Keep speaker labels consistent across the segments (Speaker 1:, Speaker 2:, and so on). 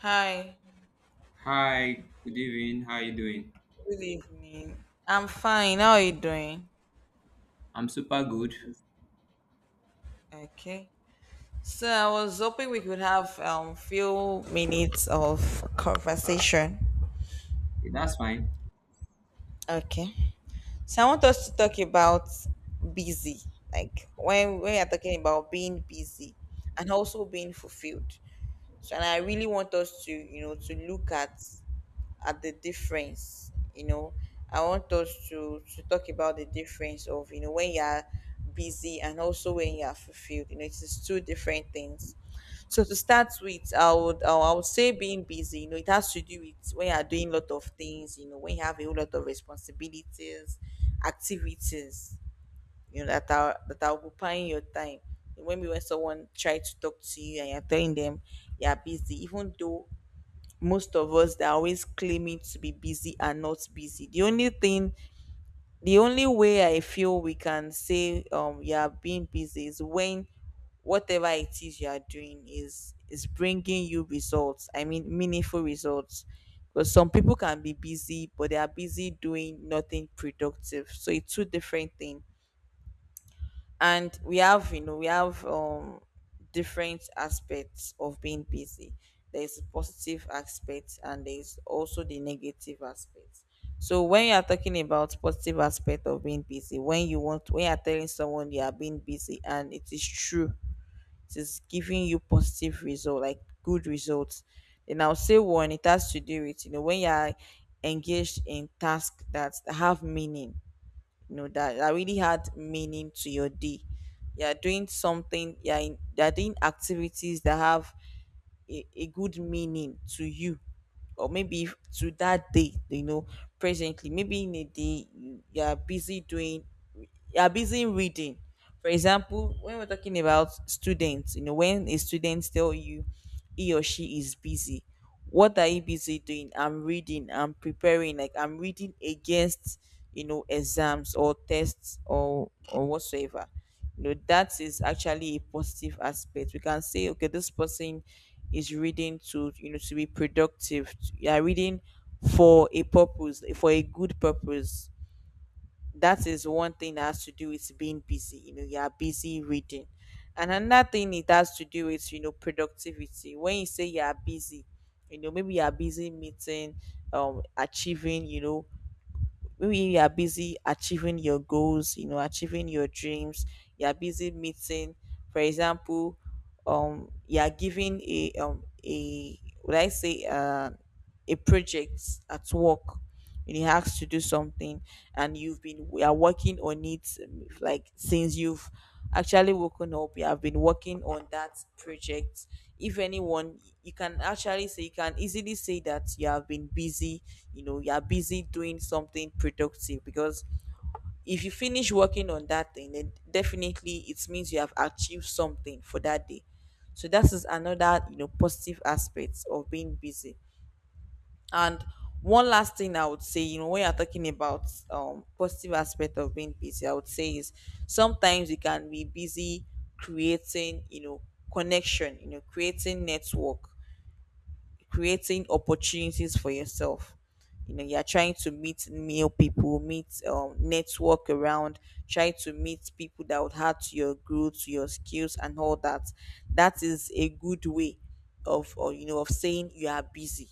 Speaker 1: Hi,
Speaker 2: Hi, good evening. How are you doing?
Speaker 1: good evening. I'm fine. How are you doing?
Speaker 2: I'm super good.
Speaker 1: Okay. So I was hoping we could have few minutes of conversation.
Speaker 2: Okay, that's fine.
Speaker 1: Okay. So I want us to talk about busy, like when we are talking about being busy and also being fulfilled. So and I really want us to, you know, to look at the difference, you know. I want us to talk about the difference of, you know, when you are busy and also when you are fulfilled. You know, it is two different things. So to start with, I would say being busy, you know, it has to do with when you are doing a lot of things, you know, when you have a whole lot of responsibilities, activities, you know, that are occupying your time. Maybe when someone try to talk to you and you're telling them you're busy, even though most of us that are always claiming to be busy are not busy. The only way I feel we can say you are being busy is when whatever it is you are doing is bringing you results. I mean meaningful results. Because some people can be busy, but they are busy doing nothing productive. So it's two different things, and we have, you know, we have different aspects of being busy. There's positive aspect, and there's also the negative aspect. So when you are talking about positive aspect of being busy, when you want, when you are telling someone you are being busy and it is true, it is giving you positive result, like good results, then I'll say one, it has to do with, you know, when you are engaged in tasks that have meaning. You know that really had meaning to your day. You're doing something, you're doing activities that have a good meaning to you, or maybe to that day, you know. Presently, maybe in a day, you are busy doing, you are busy reading. For example, when we're talking about students, you know, when a student tell you he or she is busy, what are you busy doing? I'm reading, I'm preparing, like I'm reading against, you know, exams or tests or whatsoever. You know, that is actually a positive aspect. We can say, okay, this person is reading to, you know, to be productive. You are reading for a purpose, for a good purpose. That is one thing that has to do with being busy. You know, you are busy reading. And another thing, it has to do with, you know, productivity. When you say you are busy, you know, maybe you are busy meeting, achieving, you know, maybe you are busy achieving your goals, you know, achieving your dreams. You are busy meeting, for example, you are giving a a, would I say, a project at work. And you asked to do something, and you've been we are working on it, like since you've actually woken up. You have been working on that project. If anyone, you can actually say, you can easily say that you have been busy, you know, you are busy doing something productive, because if you finish working on that thing, then definitely it means you have achieved something for that day. So that is another, you know, positive aspect of being busy. And one last thing I would say, you know, when you're talking about positive aspect of being busy, I would say, is sometimes you can be busy creating, you know, connection, you know, creating network, creating opportunities for yourself. You know, you're trying to meet new people, meet network around, try to meet people that would add to your growth, to your skills, and all that. That is a good way of, or, you know, of saying you are busy.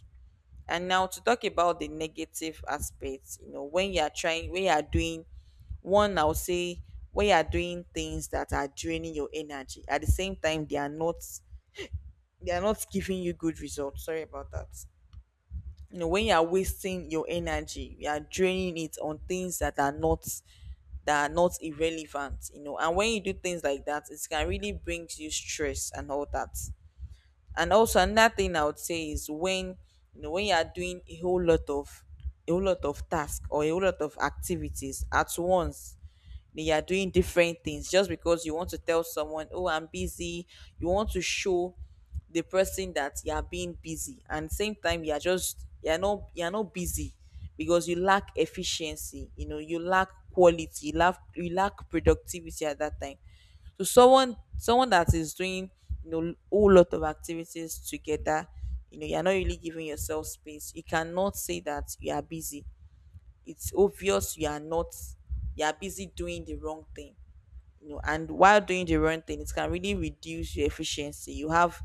Speaker 1: And now to talk about the negative aspects, you know, when you are trying, when you are doing one, I'll say when you are doing things that are draining your energy, at the same time they are not giving you good results. Sorry about that. You know, when you are wasting your energy, you are draining it on things that are not, that are not irrelevant, you know. And when you do things like that, it can really bring you stress and all that. And also another thing I would say is when, you know, when you are doing a whole lot of, a whole lot of tasks or a whole lot of activities at once, then you are doing different things just because you want to tell someone, oh, I'm busy. You want to show the person that you are being busy, and same time you are just, you are not busy because you lack efficiency. You know, you lack quality, you lack productivity at that time. So someone that is doing, you know, whole lot of activities together, you know, you're not really giving yourself space. You cannot say that you are busy. It's obvious you are not, you are busy doing the wrong thing. You know, and while doing the wrong thing, it can really reduce your efficiency.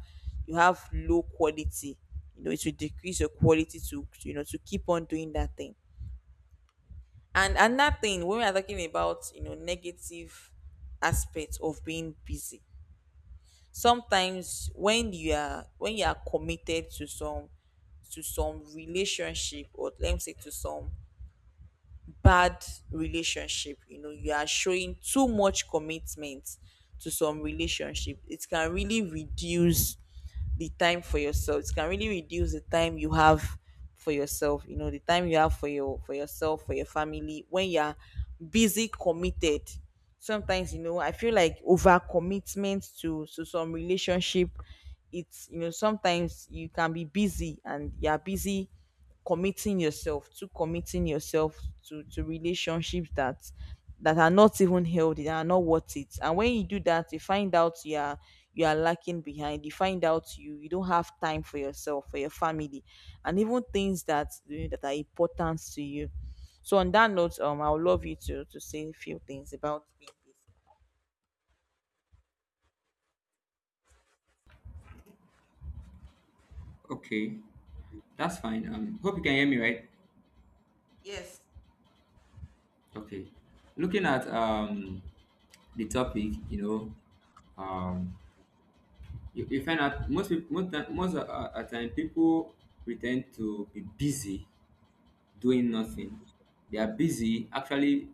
Speaker 1: You have low quality. You know, it will decrease your quality to, you know, to keep on doing that thing. And another thing, when we are talking about, you know, negative aspects of being busy, sometimes when you are, when you are committed to some, to some relationship, or let me say, to some bad relationship, you know, you are showing too much commitment to some relationship. It can really reduce the time for yourself. It can really reduce the time you have for yourself, you know, the time you have for yourself, for your family, when you're busy committed. Sometimes, you know, I feel like over commitment to some relationship, it's, you know, sometimes you can be busy and you're busy committing yourself to, committing yourself to relationships that, that are not even healthy, that are not worth it. And when you do that, you find out you are, you are lacking behind. You find out you, you don't have time for yourself, for your family, and even things that, you know, that are important to you. So on that note, I would love you to say a few things about being busy.
Speaker 2: Okay, that's fine. Hope you can hear me, right?
Speaker 1: Yes.
Speaker 2: Okay. Looking at the topic, you know, um, you find out most peop- most ti- most at time people pretend to be busy doing nothing. They are busy actually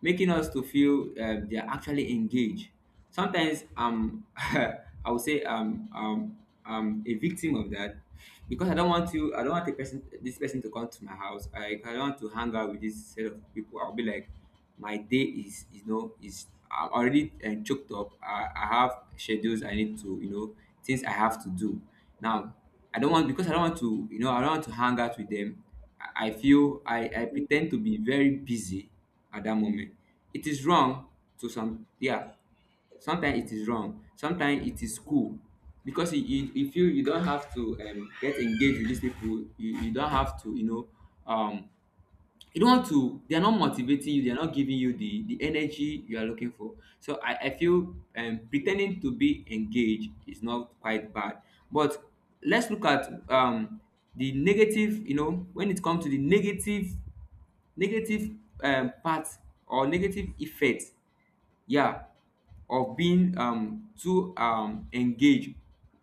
Speaker 2: making us to feel they are actually engaged. Sometimes I would say I'm a victim of that because I don't want to. I don't want a person, this person to come to my house. I don't want to hang out with this set of people. I'll be like, my day is I'm already choked up. I have schedules I need to, you know, things I have to do. Now I don't want because I don't want to, you know, I don't want to hang out with them. I feel I pretend to be very busy at that moment. It is wrong to some, yeah. Sometimes it is wrong. Sometimes it is cool because you feel you don't have to get engaged with these people. You don't have to, you know, um you don't want to. They are not motivating you, they are not giving you the energy you are looking for. So I feel pretending to be engaged is not quite bad, but let's look at the negative. You know, when it comes to the negative, negative part, or negative effect, yeah, of being too engaged.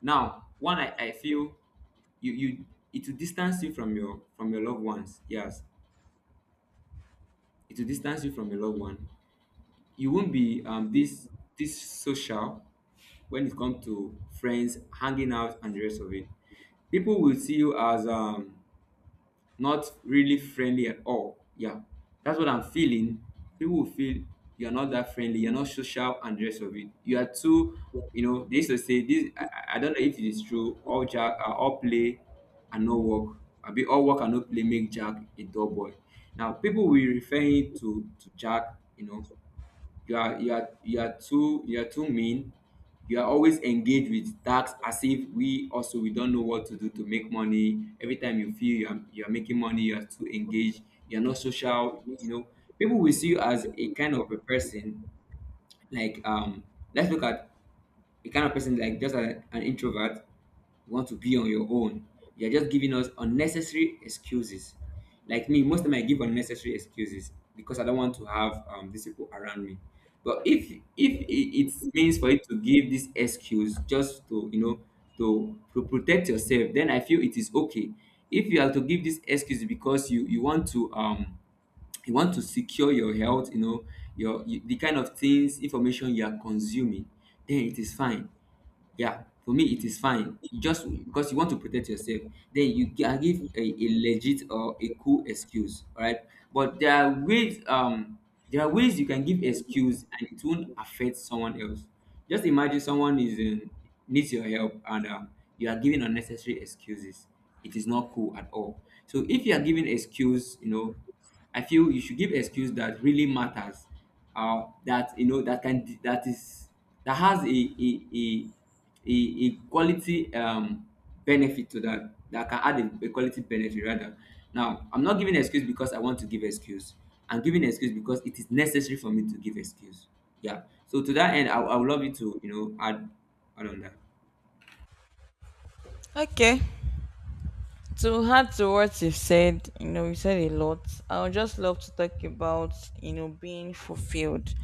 Speaker 2: Now, one, I feel you it will distance you from your loved ones. Yes, it will distance you from your loved one. You won't be this social when it comes to friends, hanging out, and the rest of it. People will see you as not really friendly at all. Yeah, that's what I'm feeling. People will feel you're not that friendly, you're not social, and the rest of it. You are too, you know. They used to say this. I don't know if it is true. All jack, all play, and no work. I be All work and no play make Jack a dull boy. Now people will refer him to Jack. You know, you are you are too, you are too mean. You are always engaged with tasks, as if we also we don't know what to do to make money. Every time you feel you are making money, you are too engaged, you are not social. You know, people will see you as a kind of a person like, let's look at the kind of person, like just a, an introvert. You want to be on your own. You're just giving us unnecessary excuses. Like me, most of time I give unnecessary excuses because I don't want to have these people around me. But if it means for you to give this excuse just to, you know, to protect yourself, then I feel it is okay. If you have to give this excuse because you, you want to secure your health, you know, you, the kind of things information you are consuming, then it is fine. Yeah, for me it is fine. You, just because you want to protect yourself, then you can give a legit or a cool excuse, all right? But there are ways you can give excuse and it won't affect someone else. Just imagine someone is in, needs your help, and you are giving unnecessary excuses. It is not cool at all. So if you are giving excuse, you know, I feel you should give excuse that really matters, that, you know, that is that has a a a quality benefit to that, that can add a quality benefit rather. Now I'm not giving excuse because I want to give excuse, I'm giving excuse because it is necessary for me to give excuse. Yeah, so to that end, I would love you to, you know, add add on that.
Speaker 1: Okay. To add to what you've said, you know, you said a lot. I would just love to talk about, you know, being fulfilled.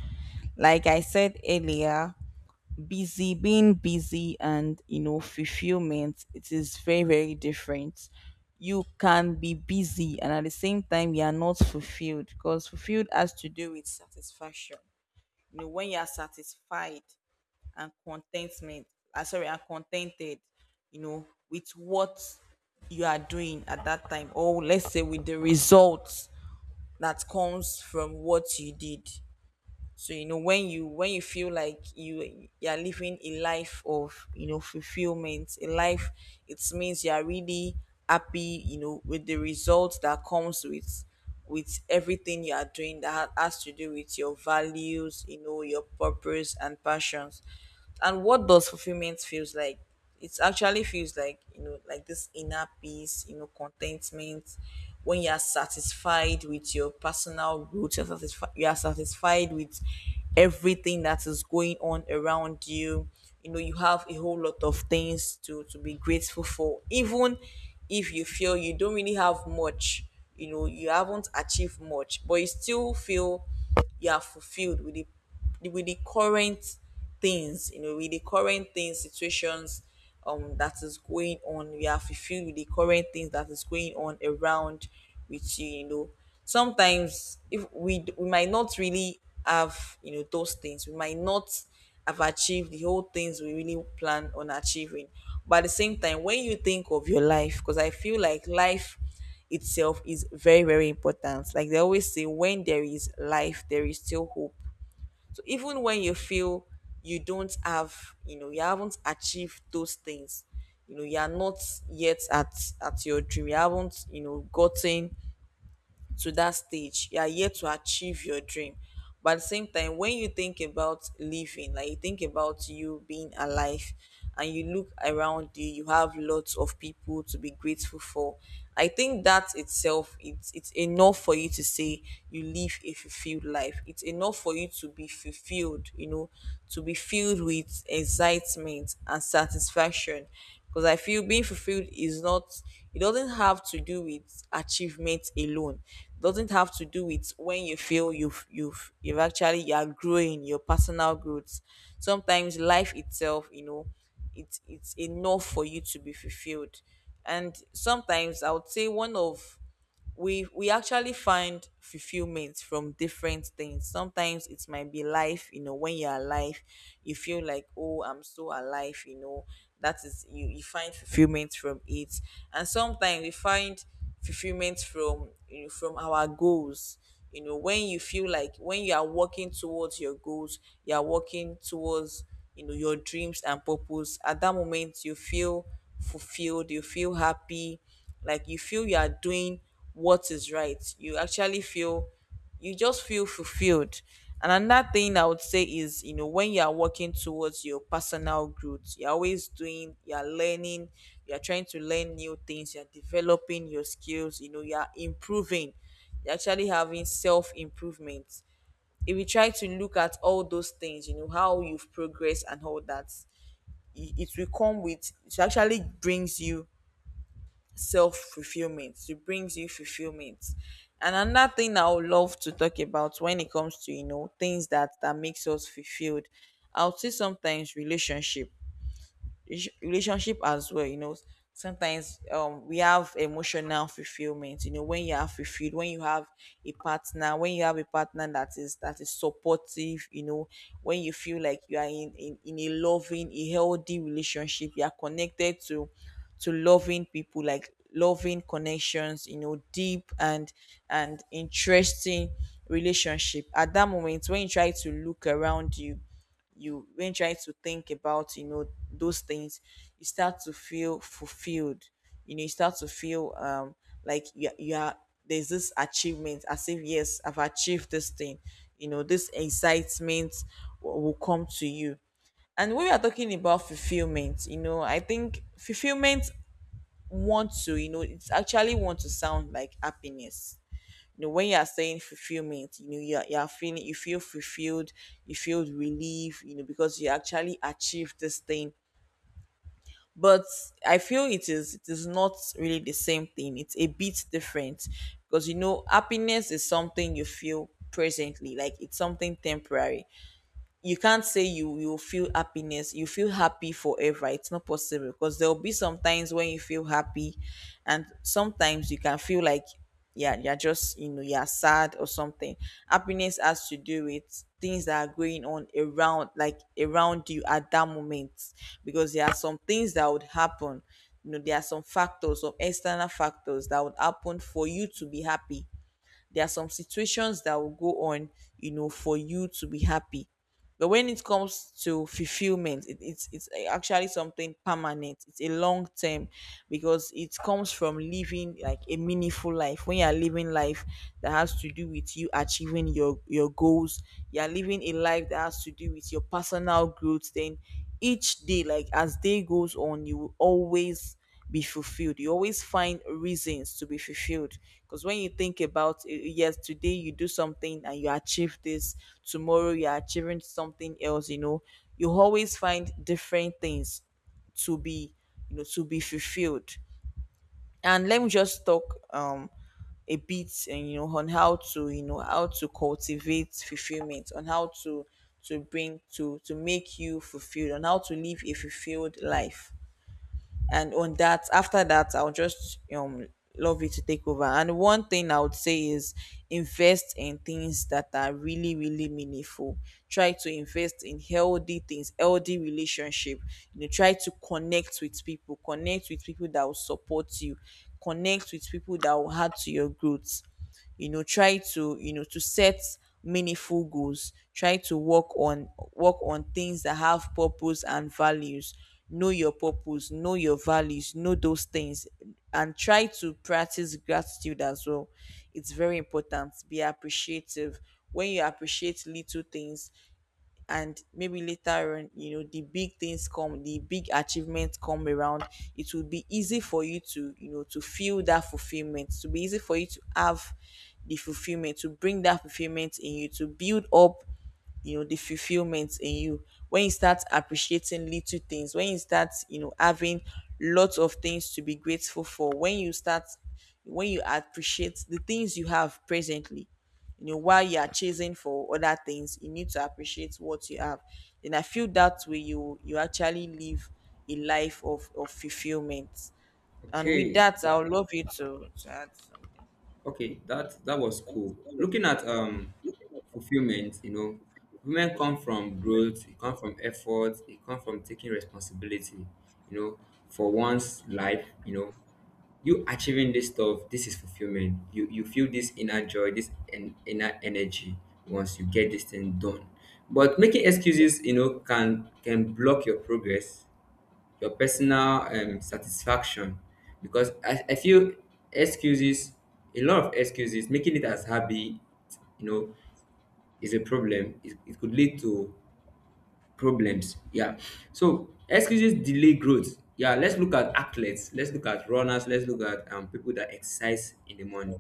Speaker 1: Like I said earlier, busy, being busy, and, you know, fulfillment, it is very, very different. You can be busy and at the same time, you are not fulfilled, because fulfilled has to do with satisfaction. You know, when you are satisfied, and contentment, sorry, and contented, you know, with what you are doing at that time, or let's say with the results that comes from what you did. So, you know, when you, when you feel like you are living a life of, you know, fulfillment, a life, it means you are really happy, you know, with the results that comes with everything you are doing, that has to do with your values, you know, your purpose and passions. And what does fulfillment feels like? It actually feels like, you know, like this inner peace, you know, contentment, when you are satisfied with your personal growth. You are satisfied with everything that is going on around you, you know. You have a whole lot of things to be grateful for. Even if you feel you don't really have much, you know, you haven't achieved much, but you still feel you are fulfilled with it, with the current things, you know, with the current things, situations that is going on. We are fulfilled with the current things that is going on around with you, you know. Sometimes if we we might not really have, you know, those things. We might not have achieved the whole things we really plan on achieving. But at the same time, when you think of your life, because I feel like life itself is very, very important. Like they always say, when there is life, there is still hope. So even when you feel you don't have, you haven't achieved those things, you are not yet at your dream, you haven't, gotten to that stage, you are here to achieve your dream. But at the same time, when you think about living, like you think about you being alive, and you look around you have lots of people to be grateful for. I think that itself, it's enough for you to say you live a fulfilled life. It's enough for you to be fulfilled, you know, to be filled with excitement and satisfaction. Because I feel being fulfilled is not, it doesn't have to do with achievement alone. It doesn't have to do with when you feel you've actually, you are growing your personal growth. Sometimes life itself, you know, it's enough for you to be fulfilled. And sometimes I would say one of, we actually find fulfillment from different things. Sometimes it might be life, you know, when you're alive you feel like, oh, I'm so alive, you know, that is, you find fulfillment from it. And sometimes we find fulfillment from, you know, from our goals. You know, when you feel like when you are working towards your goals, you are working towards, you know, your dreams and purpose, at that moment you feel fulfilled, you feel happy, like you feel you are doing what is right, you actually feel, you just feel fulfilled. And another thing I would say is, you know, when you are working towards your personal growth, you're always doing, you're learning, you're trying to learn new things, you're developing your skills, you know, you're improving, you're actually having self improvement. If you try to look at all those things, you know, how you've progressed and all that, it will come with, it actually brings you self fulfillment. It brings you fulfillment. And another thing I would love to talk about when it comes to, you know, things that makes us fulfilled, I would say sometimes relationship, relationship as well, you know. Sometimes we have emotional fulfillment, you know, when you are fulfilled, when you have a partner, when you have a partner that is, that is supportive, you know. When you feel like you are in in a loving, a healthy relationship, you are connected to loving people, like loving connections, you know, deep and interesting relationship. At that moment when you try to look around you, you, when trying to think about, you know, those things, you start to feel fulfilled, you know, you start to feel like you are, there's this achievement, as if yes, I've achieved this thing, you know, this excitement will come to you. And when we are talking about fulfillment, you know, I think fulfillment wants to, you know, it's actually want to sound like happiness. You know, when you are saying fulfillment, you know you are feeling, you feel fulfilled, you feel relief, you know, because you actually achieved this thing. But I feel it is, it is not really the same thing, it's a bit different. Because you know, happiness is something you feel presently, like it's something temporary. You can't say you feel happiness, you feel happy forever, it's not possible, because there'll be some times when you feel happy and sometimes you can feel like, yeah, you're just, you know, you're sad or something. Happiness has to do with things that are going on around, like around you at that moment, because there are some things that would happen, you know, there are some factors, some external factors that would happen for you to be happy, there are some situations that will go on, you know, for you to be happy. But when it comes to fulfillment, it's actually something permanent, it's a long term. Because it comes from living like a meaningful life. When you are living life that has to do with you achieving your goals, you are living a life that has to do with your personal growth, then each day, like as day goes on, you will always be fulfilled. You always find reasons to be fulfilled. Because when you think about it, yes, today you do something and you achieve this, tomorrow you're achieving something else, you know, you always find different things to be, you know, to be fulfilled. And let me just talk a bit, and you know, on how to, you know, how to cultivate fulfillment, on how to bring to make you fulfilled, on how to live a fulfilled life. And on that, after that, I'll just love you to take over. And one thing I would say is, invest in things that are really, really meaningful. Try to invest in healthy things, healthy relationship, you know. Try to connect with people, connect with people that will support you, connect with people that will add to your growth. You know, try to, you know, to set meaningful goals, try to work on things that have purpose and values. Know your purpose, know your values, know those things. And try to practice gratitude as well, it's very important, be appreciative. When you appreciate little things, and maybe later on, you know, the big things come, the big achievements come around, it will be easy for you to, you know, to feel that fulfillment, to be easy for you to have the fulfillment, to bring that fulfillment in you, to build up, you know, the fulfillment in you, when you start appreciating little things, when you start, you know, having lots of things to be grateful for, when you start, when you appreciate the things you have presently, you know, while you are chasing for other things, you need to appreciate what you have. And I feel that way you actually live a life of fulfillment. And with
Speaker 2: Okay.
Speaker 1: that, I would love you to add something.
Speaker 2: Okay, that was cool. Looking at fulfillment, you know, women come from growth, it come from effort, it come from taking responsibility, you know, for one's life, you know. You achieving this stuff, this is fulfillment. You feel this inner joy, this inner energy once you get this thing done. But making excuses, you know, can block your progress, your personal satisfaction, because I feel excuses, a lot of excuses making it as hobby, you know, is a problem. It could lead to problems, yeah. So excuses delay growth. Yeah, let's look at athletes, let's look at runners, let's look at people that exercise in the morning.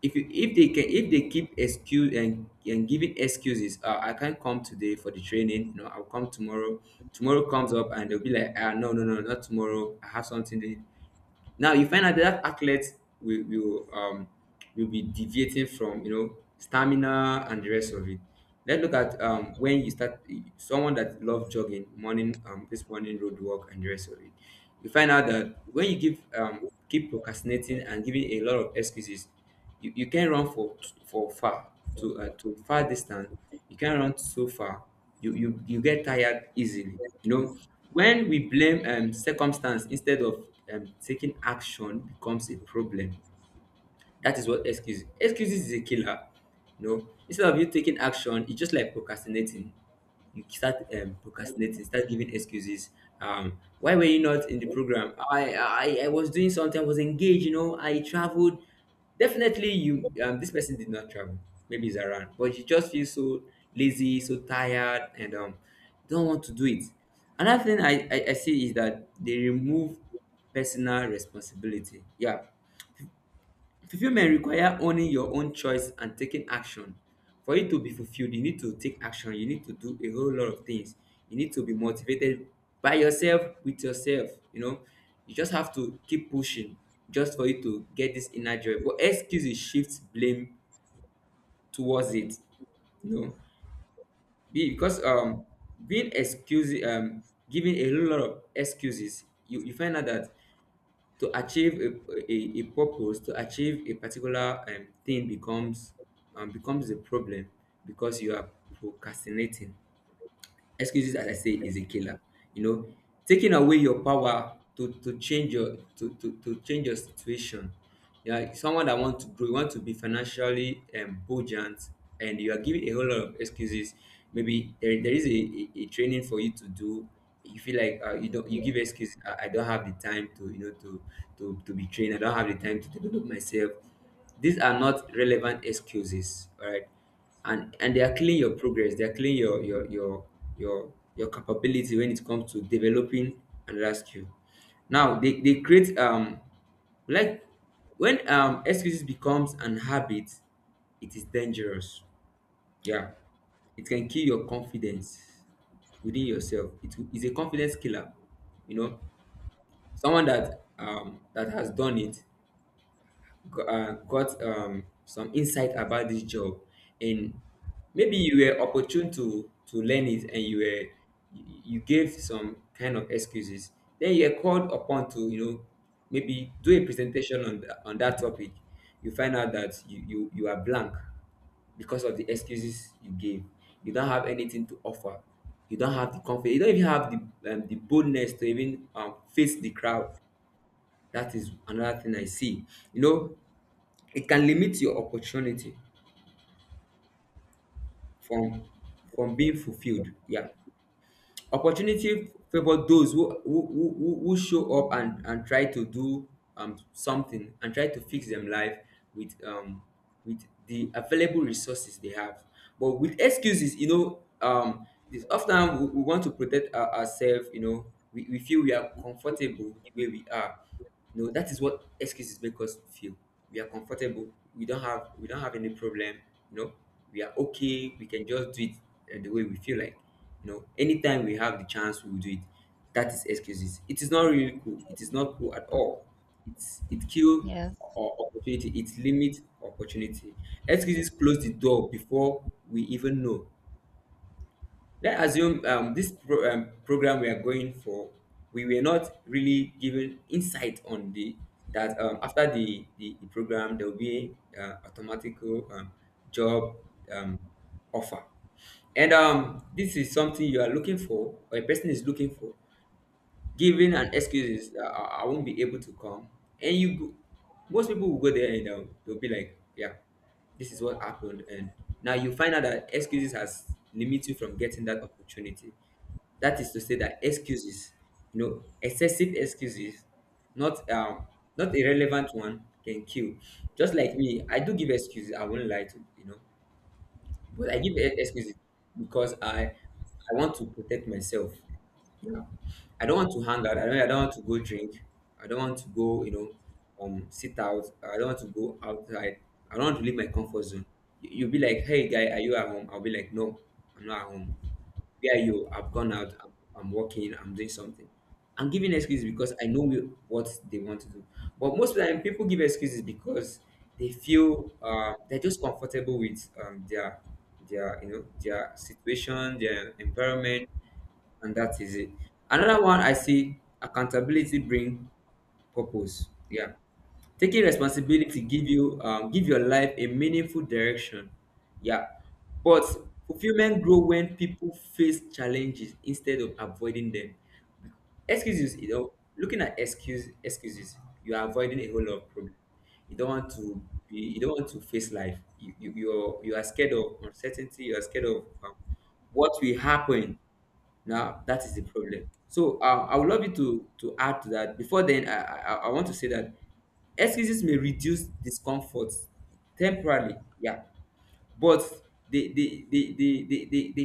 Speaker 2: If if they can, if they keep excuse and giving excuses, I can't come today for the training, no, I'll come tomorrow. Tomorrow comes up and they'll be like, ah, no, not tomorrow, I have something to. Now you find out that athletes will, will um will be deviating from, you know, stamina and the rest of it. Let's look at when you start, someone that loves jogging morning, this morning road work and the rest of it, you find out that when you give, keep procrastinating and giving a lot of excuses, you can run for far, to far distance. You can run so far, you get tired easily. You know, when we blame circumstance instead of taking action, becomes a problem. That is what excuses is a killer. You know, instead of you taking action, it's just like procrastinating. You start procrastinating, start giving excuses. Why were you not in the program? I was doing something. I was engaged. You know, I traveled. Definitely, you, this person did not travel. Maybe he's around, but you just feel so lazy, so tired, and don't want to do it. Another thing I see is that they remove personal responsibility. Yeah, fulfillment requires owning your own choice and taking action. For it to be fulfilled, you need to take action. You need to do a whole lot of things. You need to be motivated by yourself, with yourself. You know, you just have to keep pushing just for you to get this inner joy. But excuses shifts blame towards it. You know, Be- because being excuse, giving a whole lot of excuses, you find out that to achieve a, a purpose, to achieve a particular thing becomes becomes a problem because you are procrastinating. Excuses, as I say, is a killer. You know, taking away your power to change your to change your situation. Yeah, someone that want to grow, you want to be financially buoyant, and you are giving a whole lot of excuses. Maybe there is a, a training for you to do. You feel like, you don't you give excuse. I don't have the time to, you know, to be trained. I don't have the time to develop myself. These are not relevant excuses. All right, and they are killing your progress, they are killing your your capability when it comes to developing another skill. Now they create like, when excuses becomes an habit, it is dangerous. Yeah, it can kill your confidence. Within yourself, it is a confidence killer. You know, someone that that has done it, got some insight about this job, and maybe you were opportune to learn it, and you were you gave some kind of excuses, then you are called upon to, you know, maybe do a presentation on on that topic. You find out that you are blank because of the excuses you gave. You don't have anything to offer, you don't have the confidence, you don't even have the boldness to even face the crowd. That is another thing I see. You know, it can limit your opportunity from being fulfilled. Yeah, opportunity favor those who show up and try to do something and try to fix them life with um with the available resources they have. But with excuses, you know, this often we want to protect ourselves. You know, we feel we are comfortable the way we are. No, that is what excuses make us feel. We are comfortable. We don't have any problem. You know, we are okay. We can just do it the way we feel like. You know, anytime we have the chance, we will do it. That is excuses. It is not really cool. It is not cool at all. It's it kill
Speaker 1: Yes.
Speaker 2: or opportunity. It limit opportunity. Excuses close the door before we even know. Let's assume, program we are going for, we were not really given insight on the that, after the program there will be automatic um, job um, offer, and this is something you are looking for or a person is looking for, giving an excuses, I won't be able to come. And you go, most people will go there and they'll be like, yeah, this is what happened. And now you find out that excuses has limit you from getting that opportunity. That is to say that excuses, you know, excessive excuses, not not irrelevant one, can kill. Just like me, I do give excuses, I won't lie to you know. But I give excuses because I want to protect myself. I don't want to hang out. I don't want to go drink. I don't want to go, you know, sit out. I don't want to go outside. I don't want to leave my comfort zone. You'll be like, hey, guy, are you at home? I'll be like, no, I'm not at home. Where are you? I've gone out. I'm working. I'm doing something. I'm giving excuses because I know what they want to do. But most of the time, people give excuses because they feel, they're just comfortable with their, you know, their situation, their environment, and that is it. Another one I see, accountability bring purpose. Yeah, taking responsibility give you, give your life a meaningful direction. Yeah, but fulfillment grow when people face challenges instead of avoiding them. Excuses, you know, looking at excuses, you are avoiding a whole lot of problems. You don't want to be, you don't want to face life. You are, you are scared of uncertainty. You are scared of what will happen. Now that is the problem. So, I would love you to add to that. Before then, I want to say that excuses may reduce discomfort temporarily, yeah, but the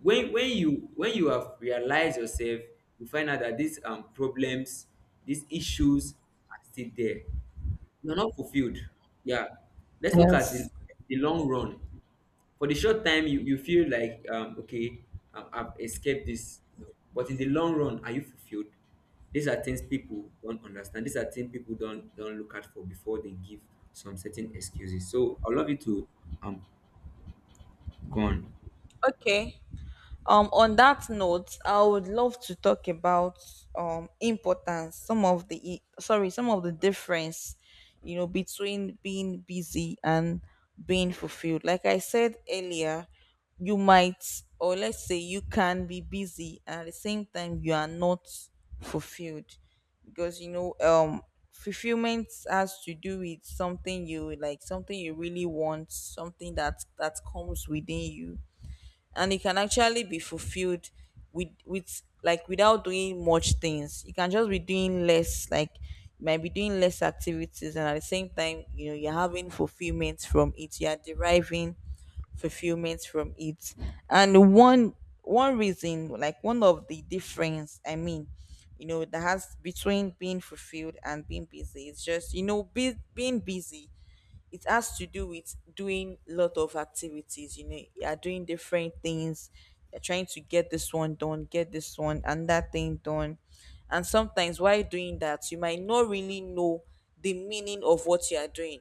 Speaker 2: when you when you have realized yourself, you find out that these problems, these issues are still there. You're not fulfilled. Yeah, let's look at
Speaker 1: Yes.
Speaker 2: the long run. For the short time, you feel like, okay, I've escaped this, but in the long run, are you fulfilled? These are things people don't understand, these are things people don't look out for before they give some certain excuses. So I love you to um go on.
Speaker 1: Okay. On that note, I would love to talk about importance, some of the sorry, some of the difference, you know, between being busy and being fulfilled. Like I said earlier, you might, or let's say, you can be busy and at the same time you are not fulfilled. Because you know, fulfillment has to do with something you like, something you really want, something that comes within you. And it can actually be fulfilled with like, without doing much things. You can just be doing less, like you might be doing less activities and at the same time, you know, you're having fulfillment from it, you're deriving fulfillment from it. And one, one reason, like one of the difference I mean, you know, that has between being fulfilled and being busy, it's just, you know, being busy, it has to do with doing lot of activities, you know, you are doing different things, you're trying to get this one done, get this one and that thing done. And sometimes while doing that, you might not really know the meaning of what you are doing.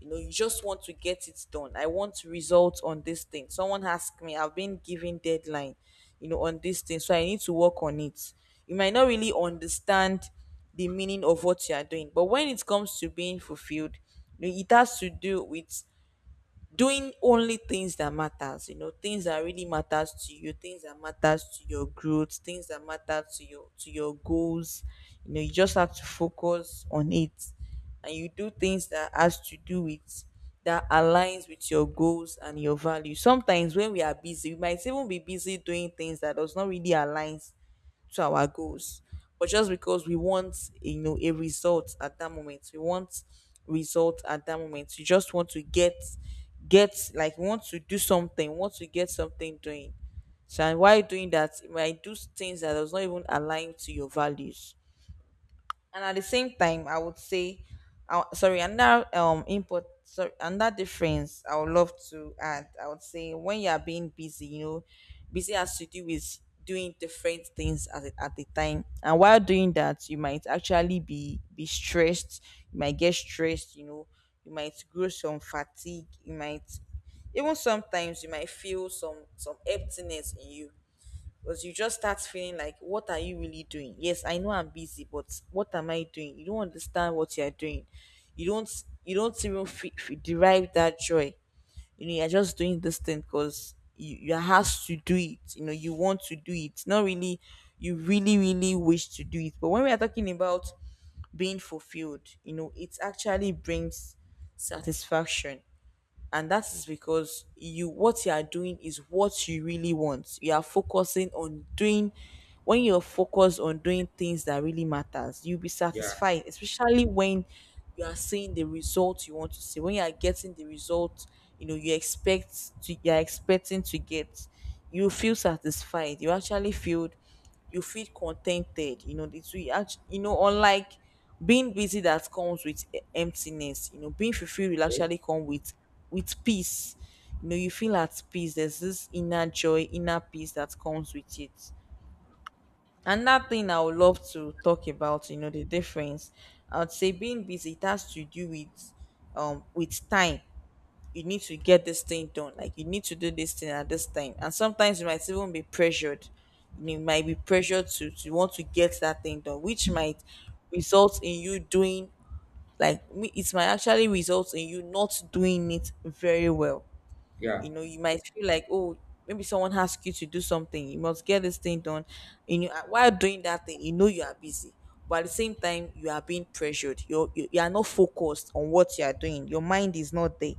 Speaker 1: You know, you just want to get it done, I want results on this thing, someone asked me, I've been given deadline, you know, on this thing, so I need to work on it. You might not really understand the meaning of what you are doing. But when it comes to being fulfilled, you know, it has to do with doing only things that matters, you know, things that really matters to you, things that matters to your growth, things that matter to your, to your goals. You know, you just have to focus on it. And you do things that has to do with, that aligns with your goals and your value. Sometimes when we are busy, we might even be busy doing things that does not really aligns to our goals, but just because we want, you know, a result at that moment, we just want to get, like we want to do something, we want to get something doing. So, and while doing that, it might do things that does not even align to your values. And at the same time, I would say sorry, another input, sorry, another difference I would love to add. I would say when you are being busy, you know, busy has to do with doing different things at the time, and while doing that, you might actually be stressed, you might get stressed, you know, you might grow some fatigue, you might even sometimes, you might feel some emptiness in you. Because you just start feeling like, what are you really doing? Yes, I know I'm busy, but what am I doing? You don't understand what you're doing, you don't even derive that joy. You know, you're just doing this thing because you're asked to do it, you know, you want to do it, not really, you really really wish to do it. But when we are talking about being fulfilled, you know, it actually brings satisfaction. And that is because you what you are doing is what you really want. You are focusing on doing, when you're focused on doing things that really matters, you'll be
Speaker 2: Yeah.
Speaker 1: satisfied, especially when you are Seeing the result you want to see. When you are getting the result you're expecting to get, you feel satisfied. You feel contented. You know it's we act you know Unlike being busy, that comes with emptiness. Being fulfilled will actually come with peace. You feel at peace. There's this inner joy, inner peace that comes with it. Another thing I would love to talk about, the difference. I'd say being busy, it has to do with time. You need to get this thing done. Like, you need to do this thing at this time. And sometimes you might even be pressured. You might be pressured to want to get that thing done, which might result in you doing— it might actually result in you not doing it very well.
Speaker 2: Yeah.
Speaker 1: You know, you might feel like, oh, maybe someone asked you to do something. You must get this thing done. While doing that thing, you know you are busy. But at the same time, you are being pressured. You are not focused on what you are doing. Your mind is not there.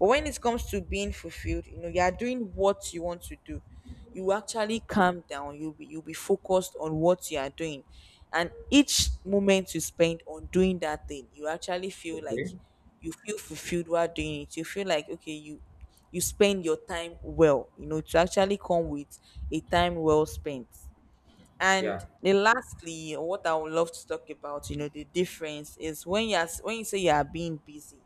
Speaker 1: But when it comes to being fulfilled, you are doing what you want to do. You actually calm down. You'll be focused on what you are doing. And each moment you spend on doing that thing, you actually feel like—
Speaker 2: Okay.
Speaker 1: you feel fulfilled while doing it. You feel like, okay, you spend your time well. To actually come with a time well spent. And
Speaker 2: Yeah.
Speaker 1: then lastly, what I would love to talk about, the difference is, when you say you are being busy,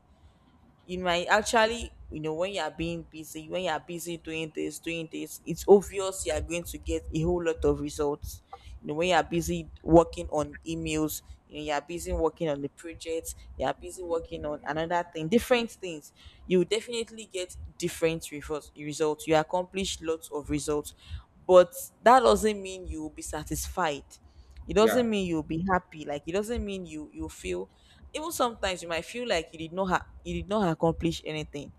Speaker 1: you might actually— when you are being busy, when you are busy doing this, it's obvious you are going to get a whole lot of results. When you are busy working on emails, you are busy working on the project, you are busy working on another thing, different things. You definitely get different results. You accomplish lots of results. But that doesn't mean you will be satisfied. It
Speaker 2: Yeah.
Speaker 1: doesn't mean you'll be happy. Like, it doesn't mean you feel— even sometimes you might feel like you did not accomplish anything.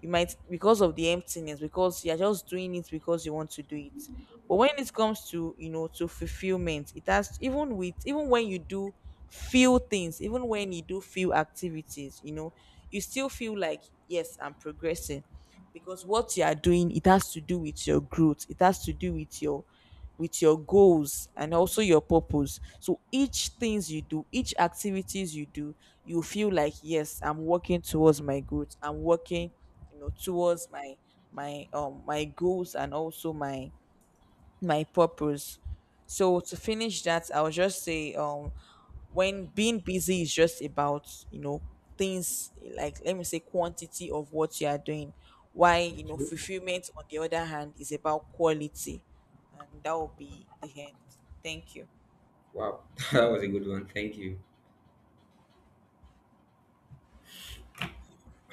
Speaker 1: You might— because of the emptiness, because you're just doing it because you want to do it. But when it comes to— to fulfillment, it has even with even when you do few things, even when you do few activities, you still feel like, yes, I'm progressing. Because what you are doing, it has to do with your growth. It has to do with your— with your goals and also your purpose. So each things you do, each activities you do, you feel like, yes, I'm working towards my growth. I'm working, towards my— my goals, and also my purpose. So to finish that, I'll just say when being busy is just about, you know, things, like, let me say, quantity of what you are doing. Why,
Speaker 2: Okay.
Speaker 1: fulfillment on the other hand is about quality. And that will be the end. Thank you.
Speaker 2: Wow, that was a good one, thank you.